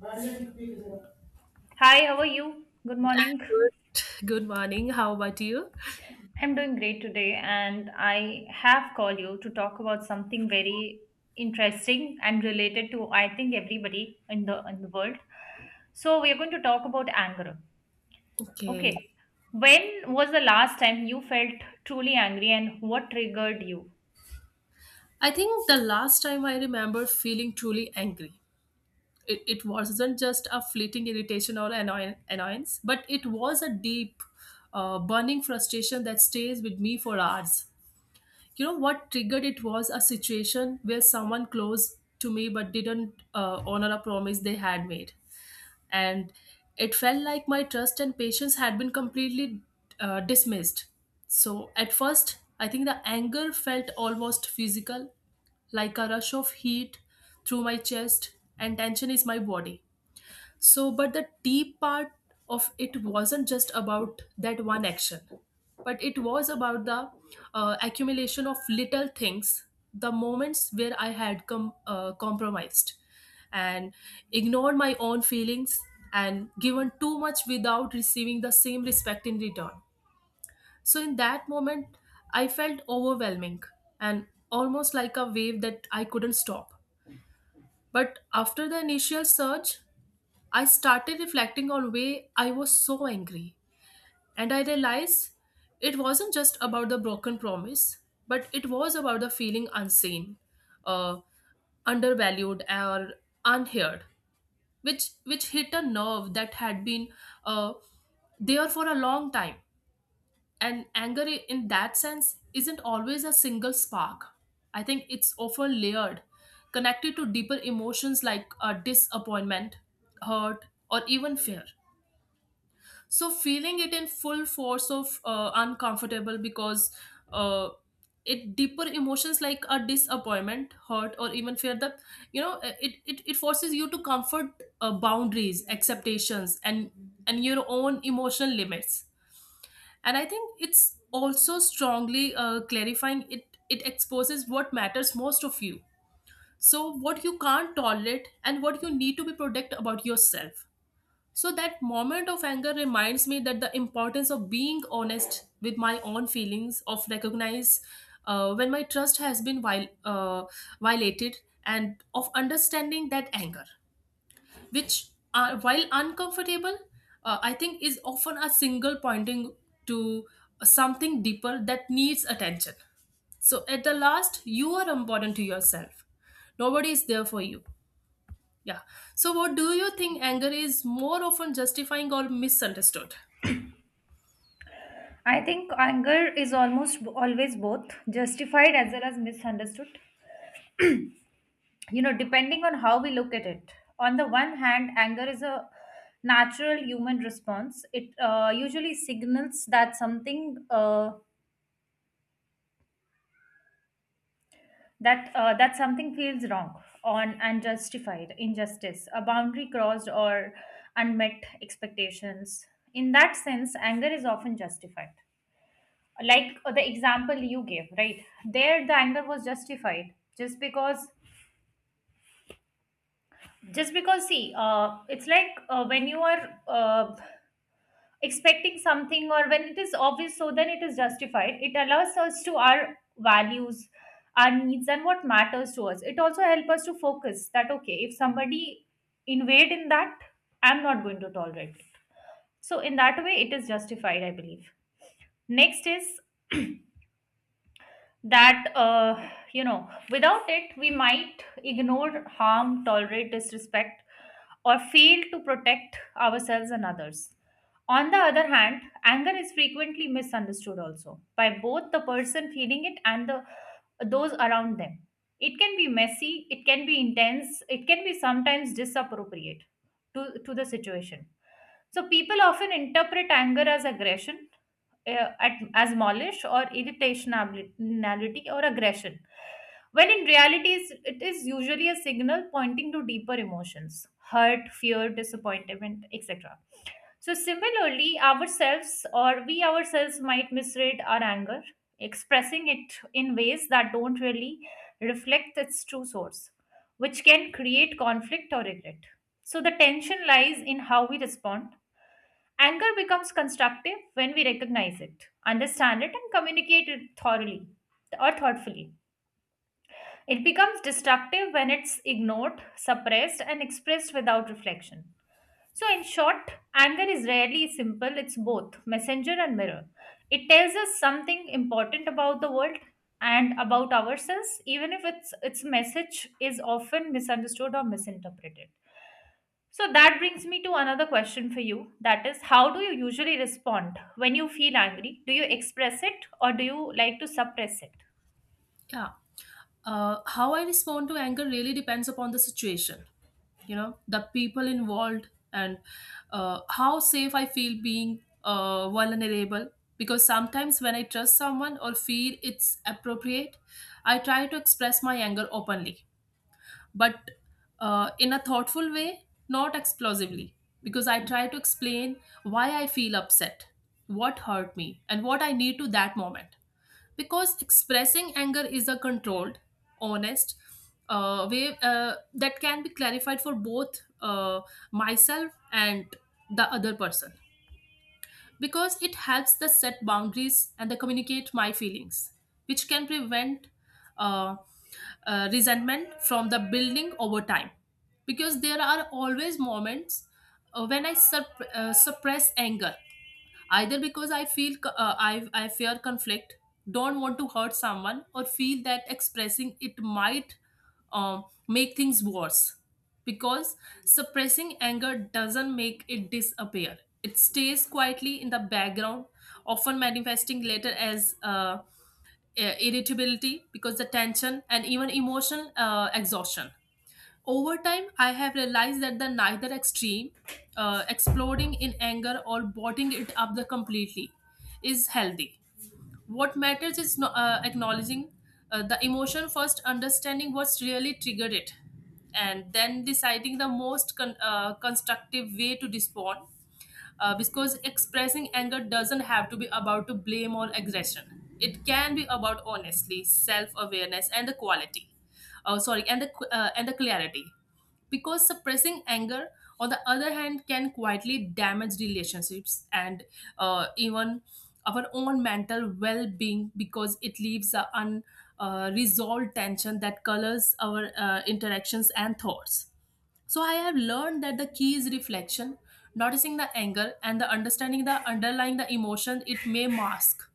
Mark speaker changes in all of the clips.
Speaker 1: Good.
Speaker 2: Hi, how are you? Good morning.
Speaker 1: Good morning. How about you?
Speaker 2: I'm doing great today, and I have called you to talk about something very interesting and related to, I think, everybody in the world. So we are going to talk about anger.
Speaker 1: Okay.
Speaker 2: Okay. When was the last time you felt truly angry and what triggered you?
Speaker 1: I think the last time I remember feeling truly angry, it wasn't just a fleeting irritation or annoyance, but it was a deep, burning frustration that stays with me for hours. You know what triggered it was a situation where someone close to me but didn't honor a promise they had made. And it felt like my trust and patience had been completely dismissed. So, at first, I think the anger felt almost physical, like a rush of heat through my chest, and tension is my body. So, but the tea part of it wasn't just about that one action, but it was about the accumulation of little things, the moments where I had compromised and ignored my own feelings and given too much without receiving the same respect in return. So, in that moment, I felt overwhelming and almost like a wave that I couldn't stop. But after the initial surge, I started reflecting on why I was so angry, and I realized it wasn't just about the broken promise, but it was about the feeling unseen, uh, undervalued, or unheard, which hit a nerve that had been uh, there for a long time. And anger, in that sense, isn't always a single spark. I think it's often layered, connected to deeper emotions like disappointment, hurt, or even fear. So feeling it in full force of uncomfortable, because uh, it deeper emotions like a disappointment, hurt, or even fear that it forces you to comfort boundaries, expectations, and your own emotional limits. And I think it's also strongly clarifying, it exposes what matters most of you. So what you can't tolerate and what you need to be protect about yourself. So that moment of anger reminds me that the importance of being honest with my own feelings, of recognize when my trust has been violated, and of understanding that anger, which while uncomfortable, I think is often a single pointing to something deeper that needs attention. So at the last, you are important to yourself. Nobody is there for you. Yeah. So, what do you think anger is more often justifying or misunderstood?
Speaker 2: I think anger is almost always both justified as well as misunderstood. You know, depending on how we look at it, on the one hand, anger is a natural human response. It usually signals that something that that something feels wrong, on unjustified injustice, a boundary crossed, or unmet expectations. In that sense, anger is often justified, like the example you gave right there. The anger was justified just because see, it's like, when you are expecting something, or when it is obvious, so then it is justified. It allows us to our values, our needs, and what matters to us. It also helps us to focus that okay, if somebody invade in that, I'm not going to tolerate it. So in that way, it is justified, I believe. Next is that, you know, without it we might ignore harm, tolerate disrespect, or fail to protect ourselves and others. On the other hand, anger is frequently misunderstood also by both the person feeling it and the those around them. It can be messy, it can be intense, it can be sometimes disappropriate to the situation. So people often interpret anger as aggression, as malice or irritationality or aggression, when in reality it is usually a signal pointing to deeper emotions: hurt, fear, disappointment, etc. So, similarly, ourselves, or we ourselves, might misread our anger, expressing it in ways that don't really reflect its true source, which can create conflict or regret. So, the tension lies in how we respond. Anger becomes constructive when we recognize it, understand it, and communicate it thoroughly or thoughtfully. It becomes destructive when it's ignored, suppressed, and expressed without reflection. So, in short, anger is rarely simple, it's both messenger and mirror. It tells us something important about the world and about ourselves, even if its message is often misunderstood or misinterpreted. So that brings me to another question for you. That is, how do you usually respond when you feel angry? Do you express it or do you like to suppress it?
Speaker 1: Yeah. How I respond to anger really depends upon the situation, you know, the people involved, and how safe I feel being vulnerable. Because sometimes when I trust someone or feel it's appropriate, I try to express my anger openly, but in a thoughtful way, not explosively, because I try to explain why I feel upset, what hurt me, and what I need to that moment. Because expressing anger is a controlled, honest way that can be clarified for both myself and the other person, because it helps the set boundaries and the communicate my feelings, which can prevent uh, resentment from the building over time. Because there are always moments when I sup- suppress anger either because I feel co- I fear conflict, don't want to hurt someone, or feel that expressing it might make things worse, because suppressing anger doesn't make it disappear. It stays quietly in the background, often manifesting later as irritability, because the tension and even emotional exhaustion. Over time, I have realized that the neither extreme, exploding in anger or bottling it up the completely, is healthy. What matters is no, acknowledging the emotion first, understanding what's really triggered it, and then deciding the most constructive way to respond, because expressing anger doesn't have to be about to blame or aggression. It can be about honestly self-awareness and the quality, sorry, and the and the clarity, because suppressing anger, on the other hand, can quietly damage relationships and even our own mental well-being, because it leaves a unresolved resolved tension that colors our interactions and thoughts. So I have learned that the key is reflection, noticing the anger and the understanding the underlying the emotion it may mask,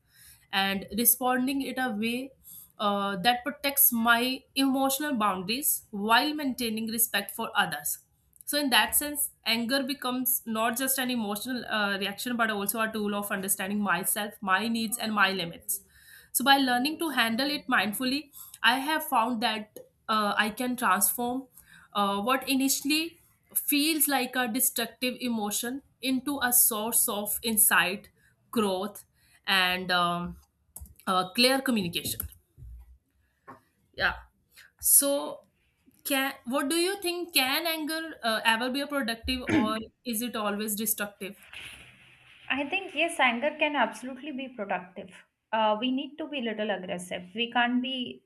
Speaker 1: and responding it a way that protects my emotional boundaries while maintaining respect for others. So in that sense, anger becomes not just an emotional reaction, but also a tool of understanding myself, my needs, and my limits. So by learning to handle it mindfully, I have found that I can transform what initially feels like a destructive emotion into a source of insight, growth, and clear communication. Yeah. So, can what do you think? Can anger ever be a productive, or is it always destructive?
Speaker 2: I think yes, anger can absolutely be productive. We need to be little aggressive. We can't be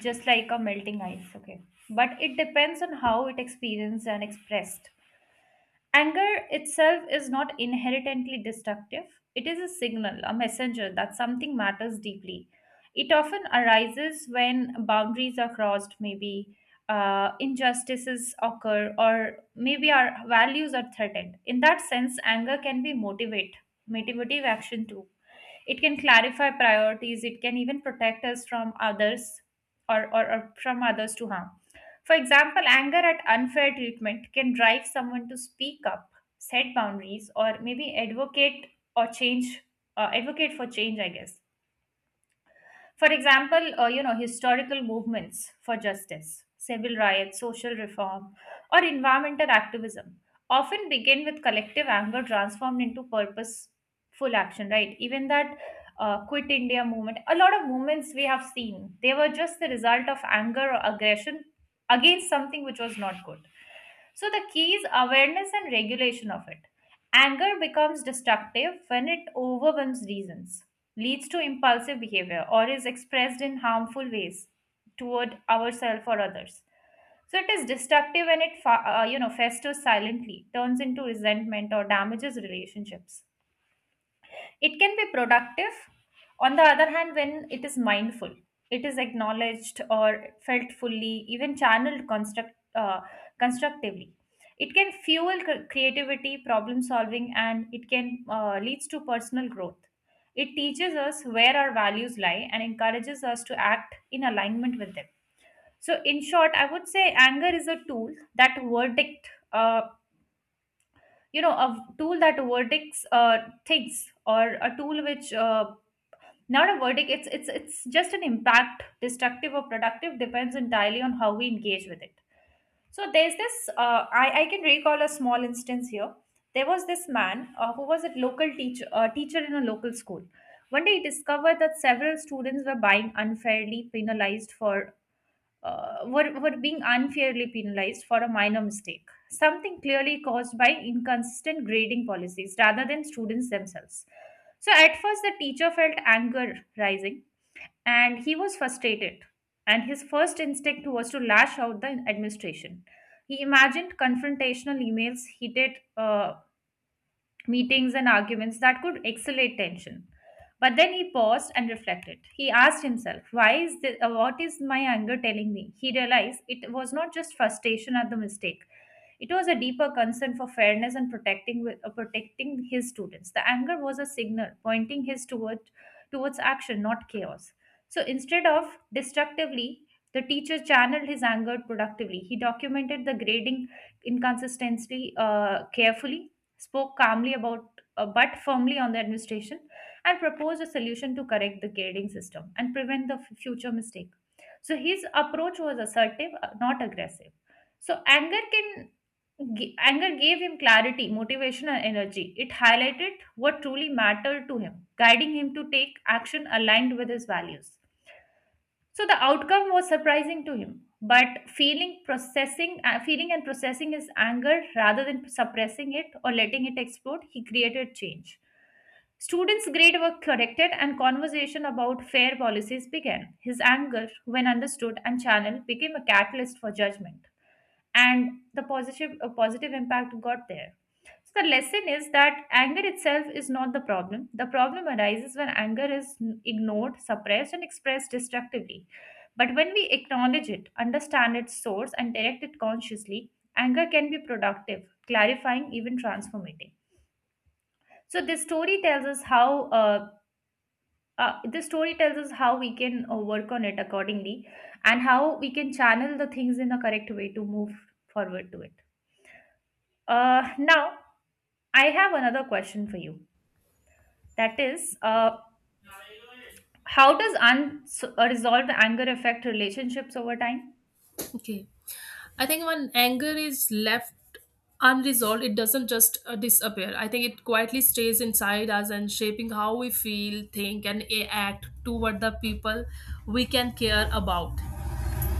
Speaker 2: just like a melting ice, okay? But it depends on how it experienced and expressed. Anger itself is not inherently destructive. It is a signal, a messenger that something matters deeply. It often arises when boundaries are crossed, maybe injustices occur, or maybe our values are threatened. In that sense, anger can be motivative action too. It can clarify priorities, it can even protect us from others or from others to harm. For example, anger at unfair treatment can drive someone to speak up, set boundaries, or maybe or change, advocate for change, I guess. For example, you know, historical movements for justice, civil rights, social reform, or environmental activism often begin with collective anger transformed into purposeful action, right? Even that Quit India movement, a lot of movements we have seen, they were just the result of anger or aggression against something which was not good. So the key is awareness and regulation of it. Anger becomes destructive when it overwhelms reasons, leads to impulsive behavior, or is expressed in harmful ways toward ourselves or others. So it is destructive when you know, festers silently, turns into resentment, or damages relationships. It can be productive. On the other hand, when it is mindful, it is acknowledged or felt fully, even constructively. It can fuel creativity, problem solving, and it can leads to personal growth. It teaches us where our values lie and encourages us to act in alignment with them. So, in short, I would say anger is a tool that you know, a tool that verdicts things, or a tool which not a verdict. It's just an impact. Destructive or productive depends entirely on how we engage with it. So there's this, I can recall a small instance here. There was this man, who was a local teacher, teacher in a local school. One day he discovered that several students were buying unfairly penalized for were being unfairly penalized for a minor mistake, something clearly caused by inconsistent grading policies rather than students themselves. So, at first, the teacher felt anger rising and he was frustrated. And his first instinct was to lash out the administration. He imagined confrontational emails, heated meetings, and arguments that could escalate tension. But then he paused and reflected. He asked himself, "Why is what is my anger telling me?" He realized it was not just frustration at the mistake; it was a deeper concern for fairness and protecting his students. The anger was a signal pointing his towards action, not chaos. So instead of destructively, the teacher channeled his anger productively. He documented the grading inconsistency carefully, spoke calmly about but firmly on the administration, and proposed a solution to correct the grading system and prevent the future mistake. So his approach was assertive, not aggressive. So anger gave him clarity, motivation, and energy. It highlighted what truly mattered to him, guiding him to take action aligned with his values. So the outcome was surprising to him, but feeling and processing his anger rather than suppressing it or letting it explode, he created change. Students' grade were corrected and conversation about fair policies began. His anger, when understood and channeled, became a catalyst for judgment. And the positive, a positive impact got there. So the lesson is that anger itself is not the problem. The problem arises when anger is ignored, suppressed, and expressed destructively. But when we acknowledge it, understand its source, and direct it consciously, anger can be productive, clarifying, even transformative. So this story tells us how. This story tells us how we can work on it accordingly, and how we can channel the things in the correct way to move forward to it. Now, I have another question for you. That is, how does unresolved anger affect relationships over time?
Speaker 1: Okay. I think when anger is left unresolved, it doesn't just disappear. I think it quietly stays inside us and shaping how we feel, think, and act toward the people we can care about.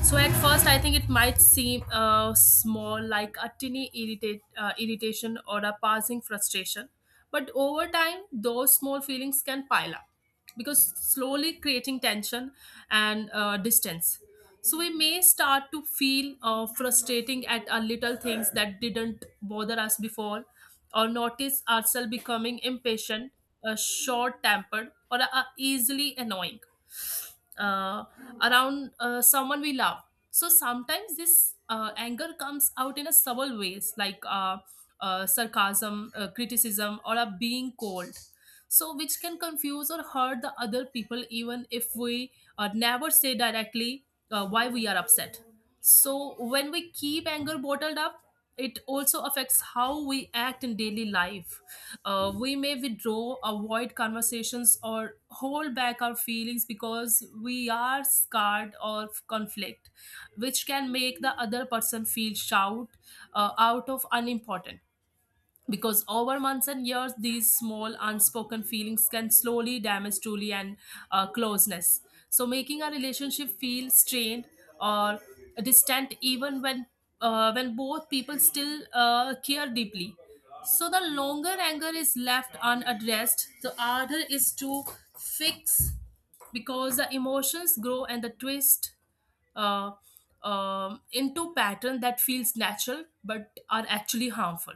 Speaker 1: So at first, I think it might seem small, like a tiny irritation or a passing frustration. But over time, those small feelings can pile up, because slowly creating tension and distance. So we may start to feel frustrating at our little things that didn't bother us before, or notice ourselves becoming impatient, short-tempered, or easily annoying uh, around someone we love. So sometimes this anger comes out in a subtle ways, like sarcasm, criticism, or a being cold. So which can confuse or hurt the other people, even if we never say directly why we are upset. So when we keep anger bottled up, it also affects how we act in daily life. We may withdraw, avoid conversations, or hold back our feelings because we are scarred of conflict, which can make the other person feel shout out of unimportant, because over months and years these small unspoken feelings can slowly damage truly and closeness, so making a relationship feel strained or distant even when both people still care deeply. So the longer anger is left unaddressed, the harder is to fix, because the emotions grow and the twist uh, into pattern that feels natural but are actually harmful.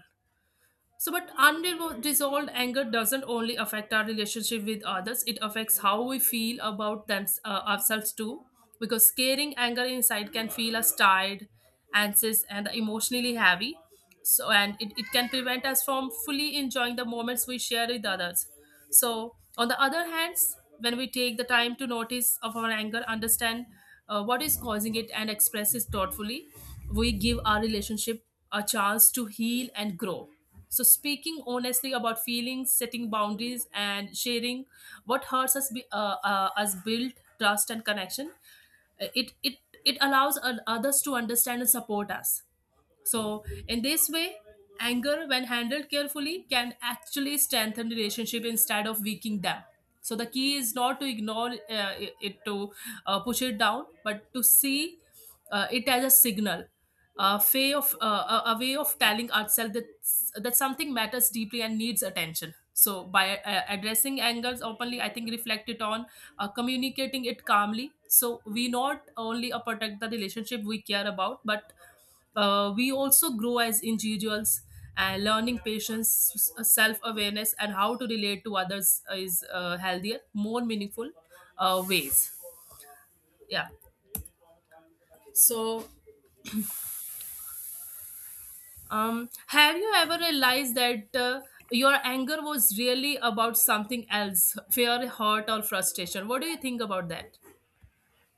Speaker 1: So, but unresolved anger doesn't only affect our relationship with others, it affects how we feel about them, ourselves too. Because scaring anger inside can feel us tired, anxious, and emotionally heavy. So, and it can prevent us from fully enjoying the moments we share with others. So, on the other hand, when we take the time to notice of our anger, understand what is causing it, and express it thoughtfully, we give our relationship a chance to heal and grow. So, speaking honestly about feelings, setting boundaries, and sharing what hurts us, us build trust and connection. Uh, It it it allows others to understand and support us. So, in this way, anger, when handled carefully, can actually strengthen relationship instead of weakening them. So, the key is not to ignore it, to push it down, but to see it as a signal, a way of telling ourselves that that something matters deeply and needs attention. So, by addressing angers openly, I think reflect it on communicating it calmly. So, we not only protect the relationship we care about, but we also grow as individuals, and learning patience self-awareness and how to relate to others is healthier more meaningful ways. Yeah. So have you ever realized that your anger was really about something else, fear, hurt, or frustration? What do you think about that?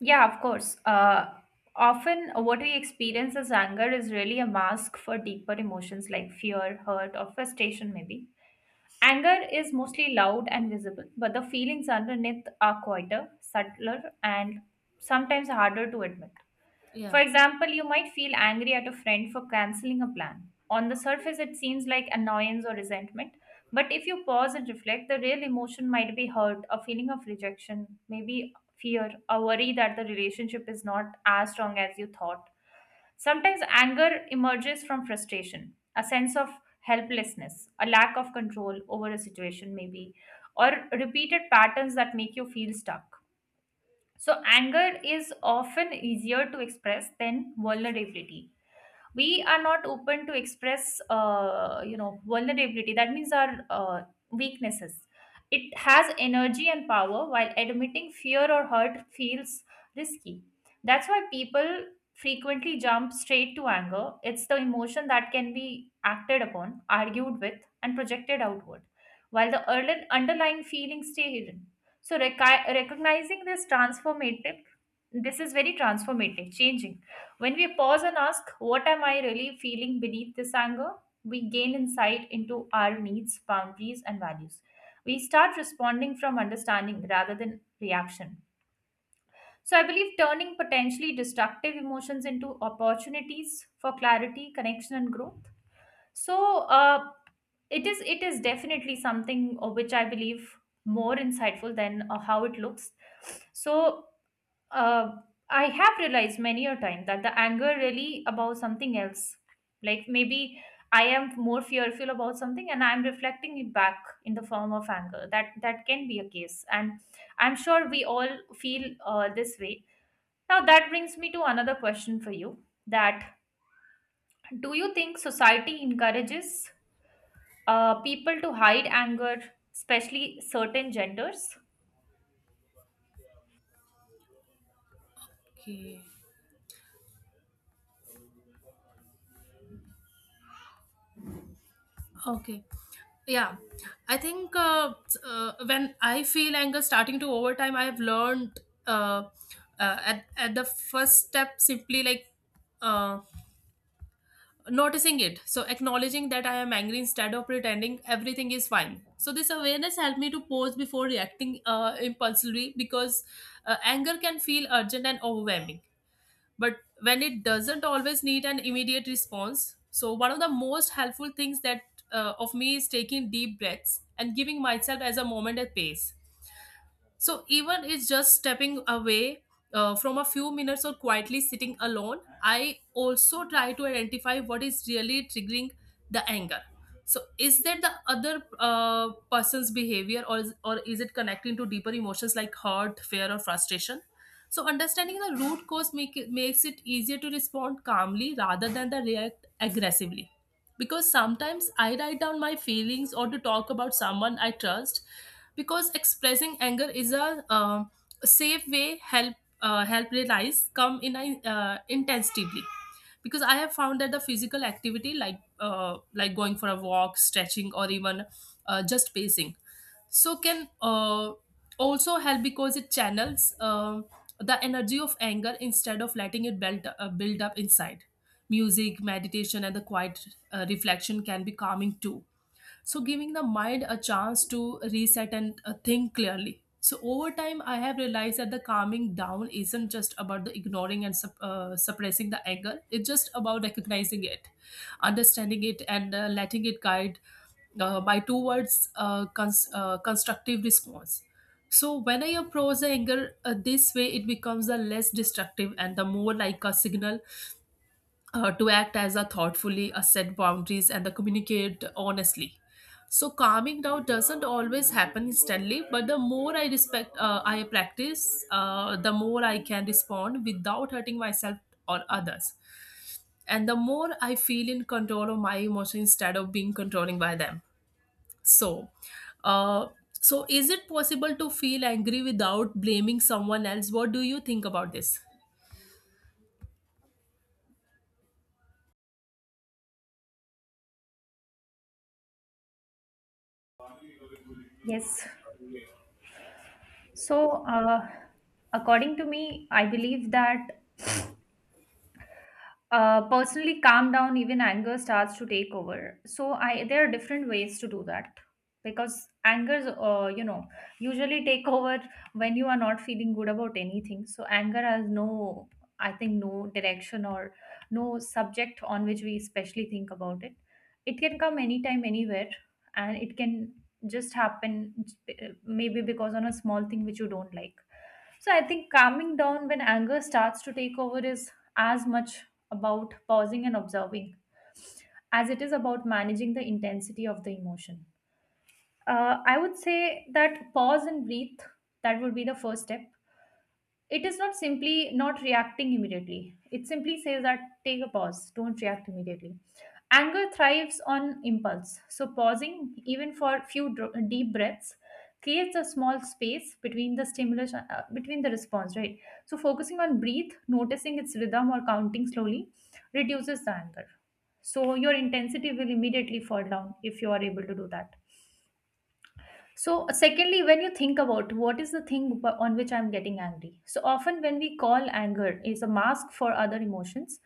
Speaker 2: Yeah, of course. Often, what we experience as anger is really a mask for deeper emotions like fear, hurt, or frustration, maybe. Anger is mostly loud and visible, but the feelings underneath are quieter, subtler, and sometimes harder to admit.
Speaker 1: Yeah.
Speaker 2: For example, you might feel angry at a friend for canceling a plan. On the surface, it seems like annoyance or resentment, but if you pause and reflect, the real emotion might be hurt, a feeling of rejection, maybe fear, a worry that the relationship is not as strong as you thought. Sometimes anger emerges from frustration, a sense of helplessness, a lack of control over a situation, maybe, or repeated patterns that make you feel stuck. So, anger is often easier to express than vulnerability. We are not open to express, you know, vulnerability, that means our weaknesses. It has energy and power, while admitting fear or hurt feels risky. That's why people frequently jump straight to anger. It's the emotion that can be acted upon, argued with, and projected outward, while the early underlying feelings stay hidden. So recognizing this is very transformative changing. When we pause and ask, "What am I really feeling beneath this anger?" we gain insight into our needs, boundaries, and values. We start responding from understanding rather than reaction. So, I believe turning potentially destructive emotions into opportunities for clarity, connection, and growth. So, it is definitely something which I believe more insightful than how it looks. So, uh, I have realized many a time that the anger really about something else. Like maybe I am more fearful about something and I'm reflecting it back in the form of anger. That can be a case, and I'm sure we all feel this way. Now that brings me to another question for you. That, do you think society encourages people to hide anger, especially certain genders?
Speaker 1: Okay. Okay. Yeah. I think when I feel anger starting to overtime, I have learned uh, at the first step simply like uh, noticing it. So acknowledging that I am angry instead of pretending everything is fine. So this awareness helped me to pause before reacting impulsively, because anger can feel urgent and overwhelming, but when it doesn't always need an immediate response. So one of the most helpful things that of me is taking deep breaths and giving myself as a moment at pace. So even it's just stepping away from a few minutes or quietly sitting alone, I also try to identify what is really triggering the anger. So is that the other person's behavior, or is it connecting to deeper emotions like hurt, fear, or frustration? So understanding the root cause make, makes it easier to respond calmly rather than the react aggressively, because sometimes I write down my feelings or to talk about someone I trust, because expressing anger is a safe way help help realize come in a, intensively, because I have found that the physical activity like going for a walk, stretching, or even just pacing so can also help because it channels the energy of anger instead of letting it build up inside. Music meditation and the quiet reflection can be calming too, so giving the mind a chance to reset and think clearly. So over time I have realized that the calming down isn't just about the ignoring and suppressing the anger, it's just about recognizing it, understanding it, and letting it guide my towards constructive response. So when I approach the anger this way, it becomes a less destructive and the more like a signal to act as a thoughtfully, set boundaries, and the communicate honestly. So calming down doesn't always happen instantly, but the more I respect, I practice, the more I can respond without hurting myself or others, and the more I feel in control of my emotions instead of being controlling by them. So, uh, so is it possible to feel angry without blaming someone else? What do you think about this?
Speaker 2: Yes. So, uh, according to me, I believe that personally calm down even anger starts to take over so I there are different ways to do that because angers usually take over when you are not feeling good about anything. So anger has no, I think, no direction or no subject on which we especially think about it. It can come anytime anywhere, and it can just happen, maybe because on a small thing which you don't like. So I think calming down when anger starts to take over is as much about pausing and observing as it is about managing the intensity of the emotion. I would say that pause and breathe, that would be the first step. It is not simply not reacting immediately. It simply says that take a pause, don't react immediately. Anger thrives on impulse. So, pausing, even for a few deep breaths, creates a small space between the stimulus, between the response, right? So, focusing on breathe, noticing its rhythm, or counting slowly reduces the anger. So, your intensity will immediately fall down if you are able to do that. So, secondly, when you think about what is the thing on which I'm getting angry, so often when we call anger is a mask for other emotions,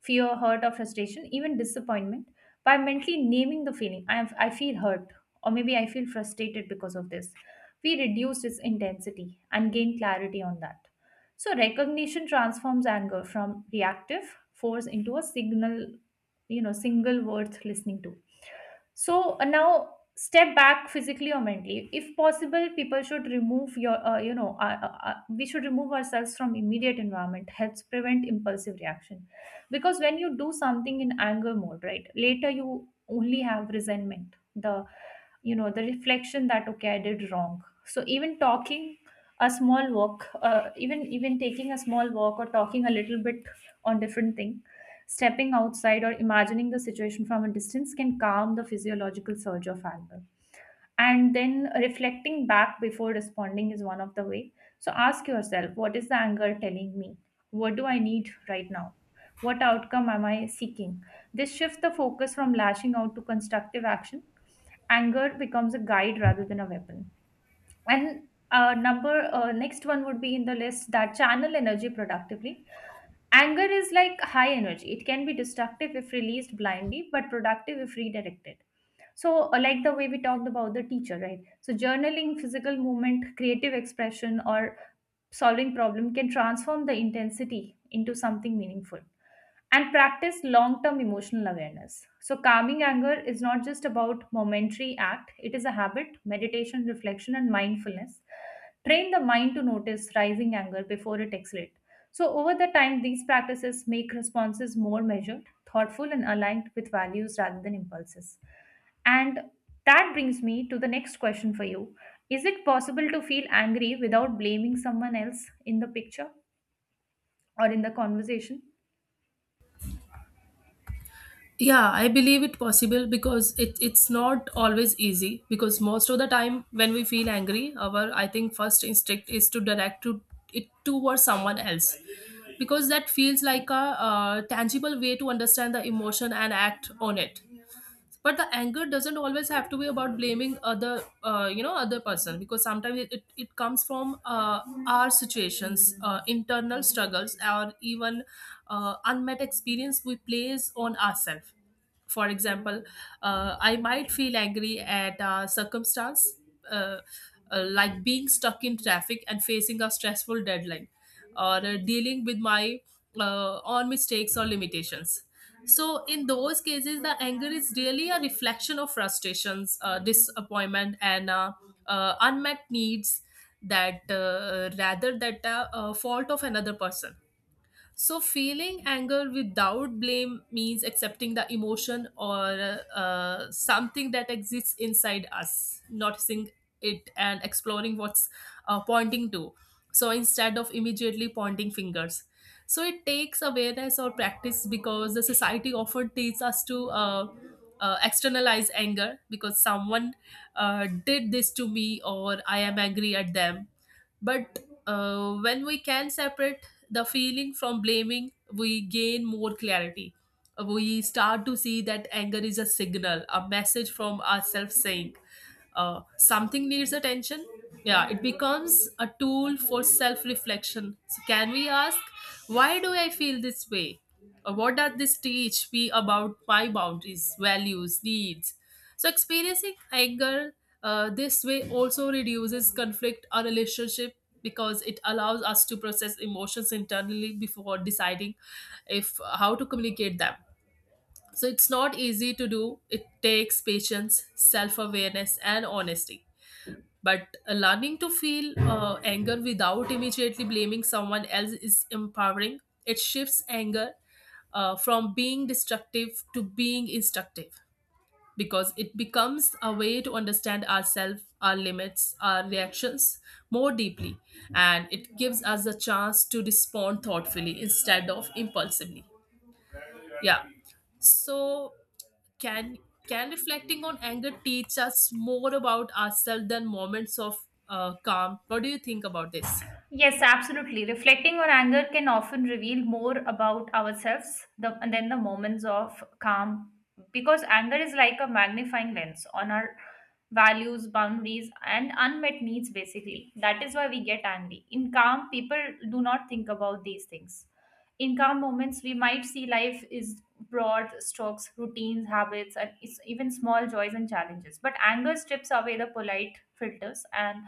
Speaker 2: fear, hurt, or frustration, even disappointment, by mentally naming the feeling, I feel hurt, or maybe I feel frustrated because of this, we reduce its intensity and gain clarity on that. So, recognition transforms anger from reactive force into a signal, you know, single worth listening to. So now, step back physically or mentally if possible. People should remove your we should remove ourselves from immediate environment helps prevent impulsive reaction, because when you do something in anger mode, right, later you only have resentment, the you know the reflection that okay I did wrong. So even talking a small walk, even taking a small walk or talking a little bit on different things. Stepping outside or imagining the situation from a distance can calm the physiological surge of anger. And then reflecting back before responding is one of the way. So ask yourself, what is the anger telling me? What do I need right now? What outcome am I seeking? This shifts the focus from lashing out to constructive action. Anger becomes a guide rather than a weapon. And number next one would be in the list, that channel energy productively. Anger is like high energy. It can be destructive if released blindly, but productive if redirected. So, like the way we talked about the teacher, right? So, journaling, physical movement, creative expression, or solving problem can transform the intensity into something meaningful, and practice long term emotional awareness. So, calming anger is not just about momentary act, it is a habit, meditation, reflection, and mindfulness. Train the mind to notice rising anger before it escalates. So, over the time, these practices make responses more measured, thoughtful, and aligned with values rather than impulses. And that brings me to the next question for you. Is it possible to feel angry without blaming someone else in the picture or in the conversation?
Speaker 1: Yeah, I believe it possible because it's not always easy. Because most of the time, when we feel angry, our I think first instinct is to direct to it towards someone else, because that feels like a, tangible way to understand the emotion and act on it. But the anger doesn't always have to be about blaming other, other person, because sometimes it comes from our situations, internal struggles, or even unmet experience we place on ourselves. For example, I might feel angry at a circumstance uh, like being stuck in traffic and facing a stressful deadline, or dealing with my own mistakes or limitations. So, in those cases, the anger is really a reflection of frustrations, disappointment, and unmet needs, that rather that fault of another person. So, feeling anger without blame means accepting the emotion or something that exists inside us, noticing it and exploring what's pointing to, so instead of immediately pointing fingers. So, it takes awareness or practice, because the society often teaches us to externalize anger because someone did this to me or I am angry at them. But when we can separate the feeling from blaming, we gain more clarity. We start to see that anger is a signal, a message from ourselves saying something needs attention. Yeah, it becomes a tool for self reflection. So, can we ask, why do I feel this way? What does this teach me about my boundaries values needs? So experiencing anger this way also reduces conflict or relationship, because it allows us to process emotions internally before deciding if how to communicate them. So it's not easy to do, it takes patience self-awareness and honesty, but learning to feel anger without immediately blaming someone else is empowering. It shifts anger from being destructive to being instructive, because it becomes a way to understand ourselves, our limits, our reactions more deeply. And it gives us a chance to respond thoughtfully instead of impulsively. Yeah. So can can reflecting on anger teach us more about ourselves than moments of calm? What do you think about this?
Speaker 2: Yes, absolutely. Reflecting on anger can often reveal more about ourselves than the moments of calm, because anger is like a magnifying lens on our values, boundaries, and unmet needs, basically. That is why we get angry. In calm, people do not think about these things. In calm moments, we might see life is broad strokes, routines, habits, and even small joys and challenges. But anger strips away the polite filters and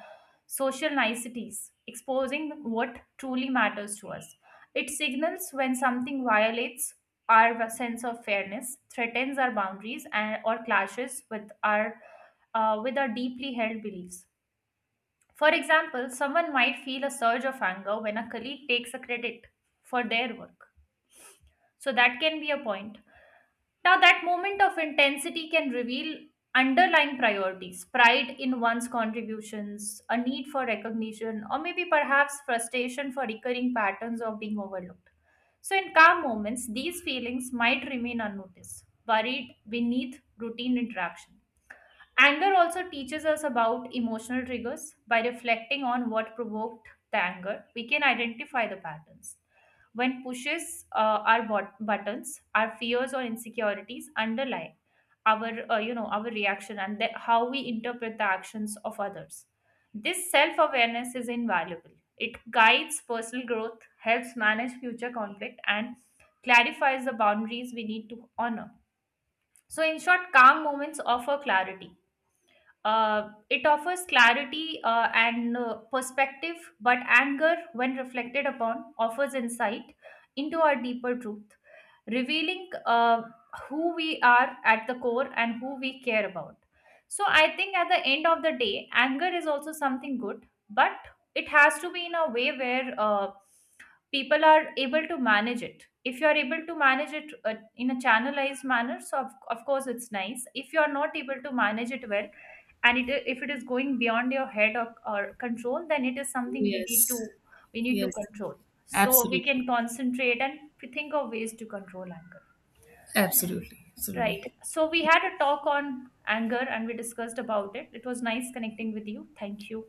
Speaker 2: social niceties, exposing what truly matters to us. It signals when something violates our sense of fairness, threatens our boundaries, and or clashes with our deeply held beliefs. For example, someone might feel a surge of anger when a colleague takes a credit for their work. So that can be a point. Now, that moment of intensity can reveal underlying priorities, pride in one's contributions, a need for recognition, or maybe perhaps frustration for recurring patterns of being overlooked. So, in calm moments, these feelings might remain unnoticed, buried beneath routine interaction. Anger also teaches us about emotional triggers. By reflecting on what provoked the anger, we can identify the patterns. When pushes buttons, our fears or insecurities underlie our reaction and how we interpret the actions of others. This self-awareness is invaluable. It guides personal growth, helps manage future conflict, and clarifies the boundaries we need to honor. So, in short, calm moments offer clarity, it offers clarity and perspective, but anger, when reflected upon, offers insight into our deeper truth, revealing who we are at the core and who we care about. So, I think at the end of the day, anger is also something good, but it has to be in a way where people are able to manage it. If you are able to manage it in a channelized manner, so of course it's nice. If you are not able to manage it well and if it is going beyond your head or control, then it is something
Speaker 1: Yes,
Speaker 2: we need to
Speaker 1: yes,
Speaker 2: control, so we
Speaker 1: absolutely,
Speaker 2: can concentrate and think of ways to control anger,
Speaker 1: absolutely, absolutely.
Speaker 2: right? So we had a talk on anger and we discussed about it. It was nice connecting with you. Thank you.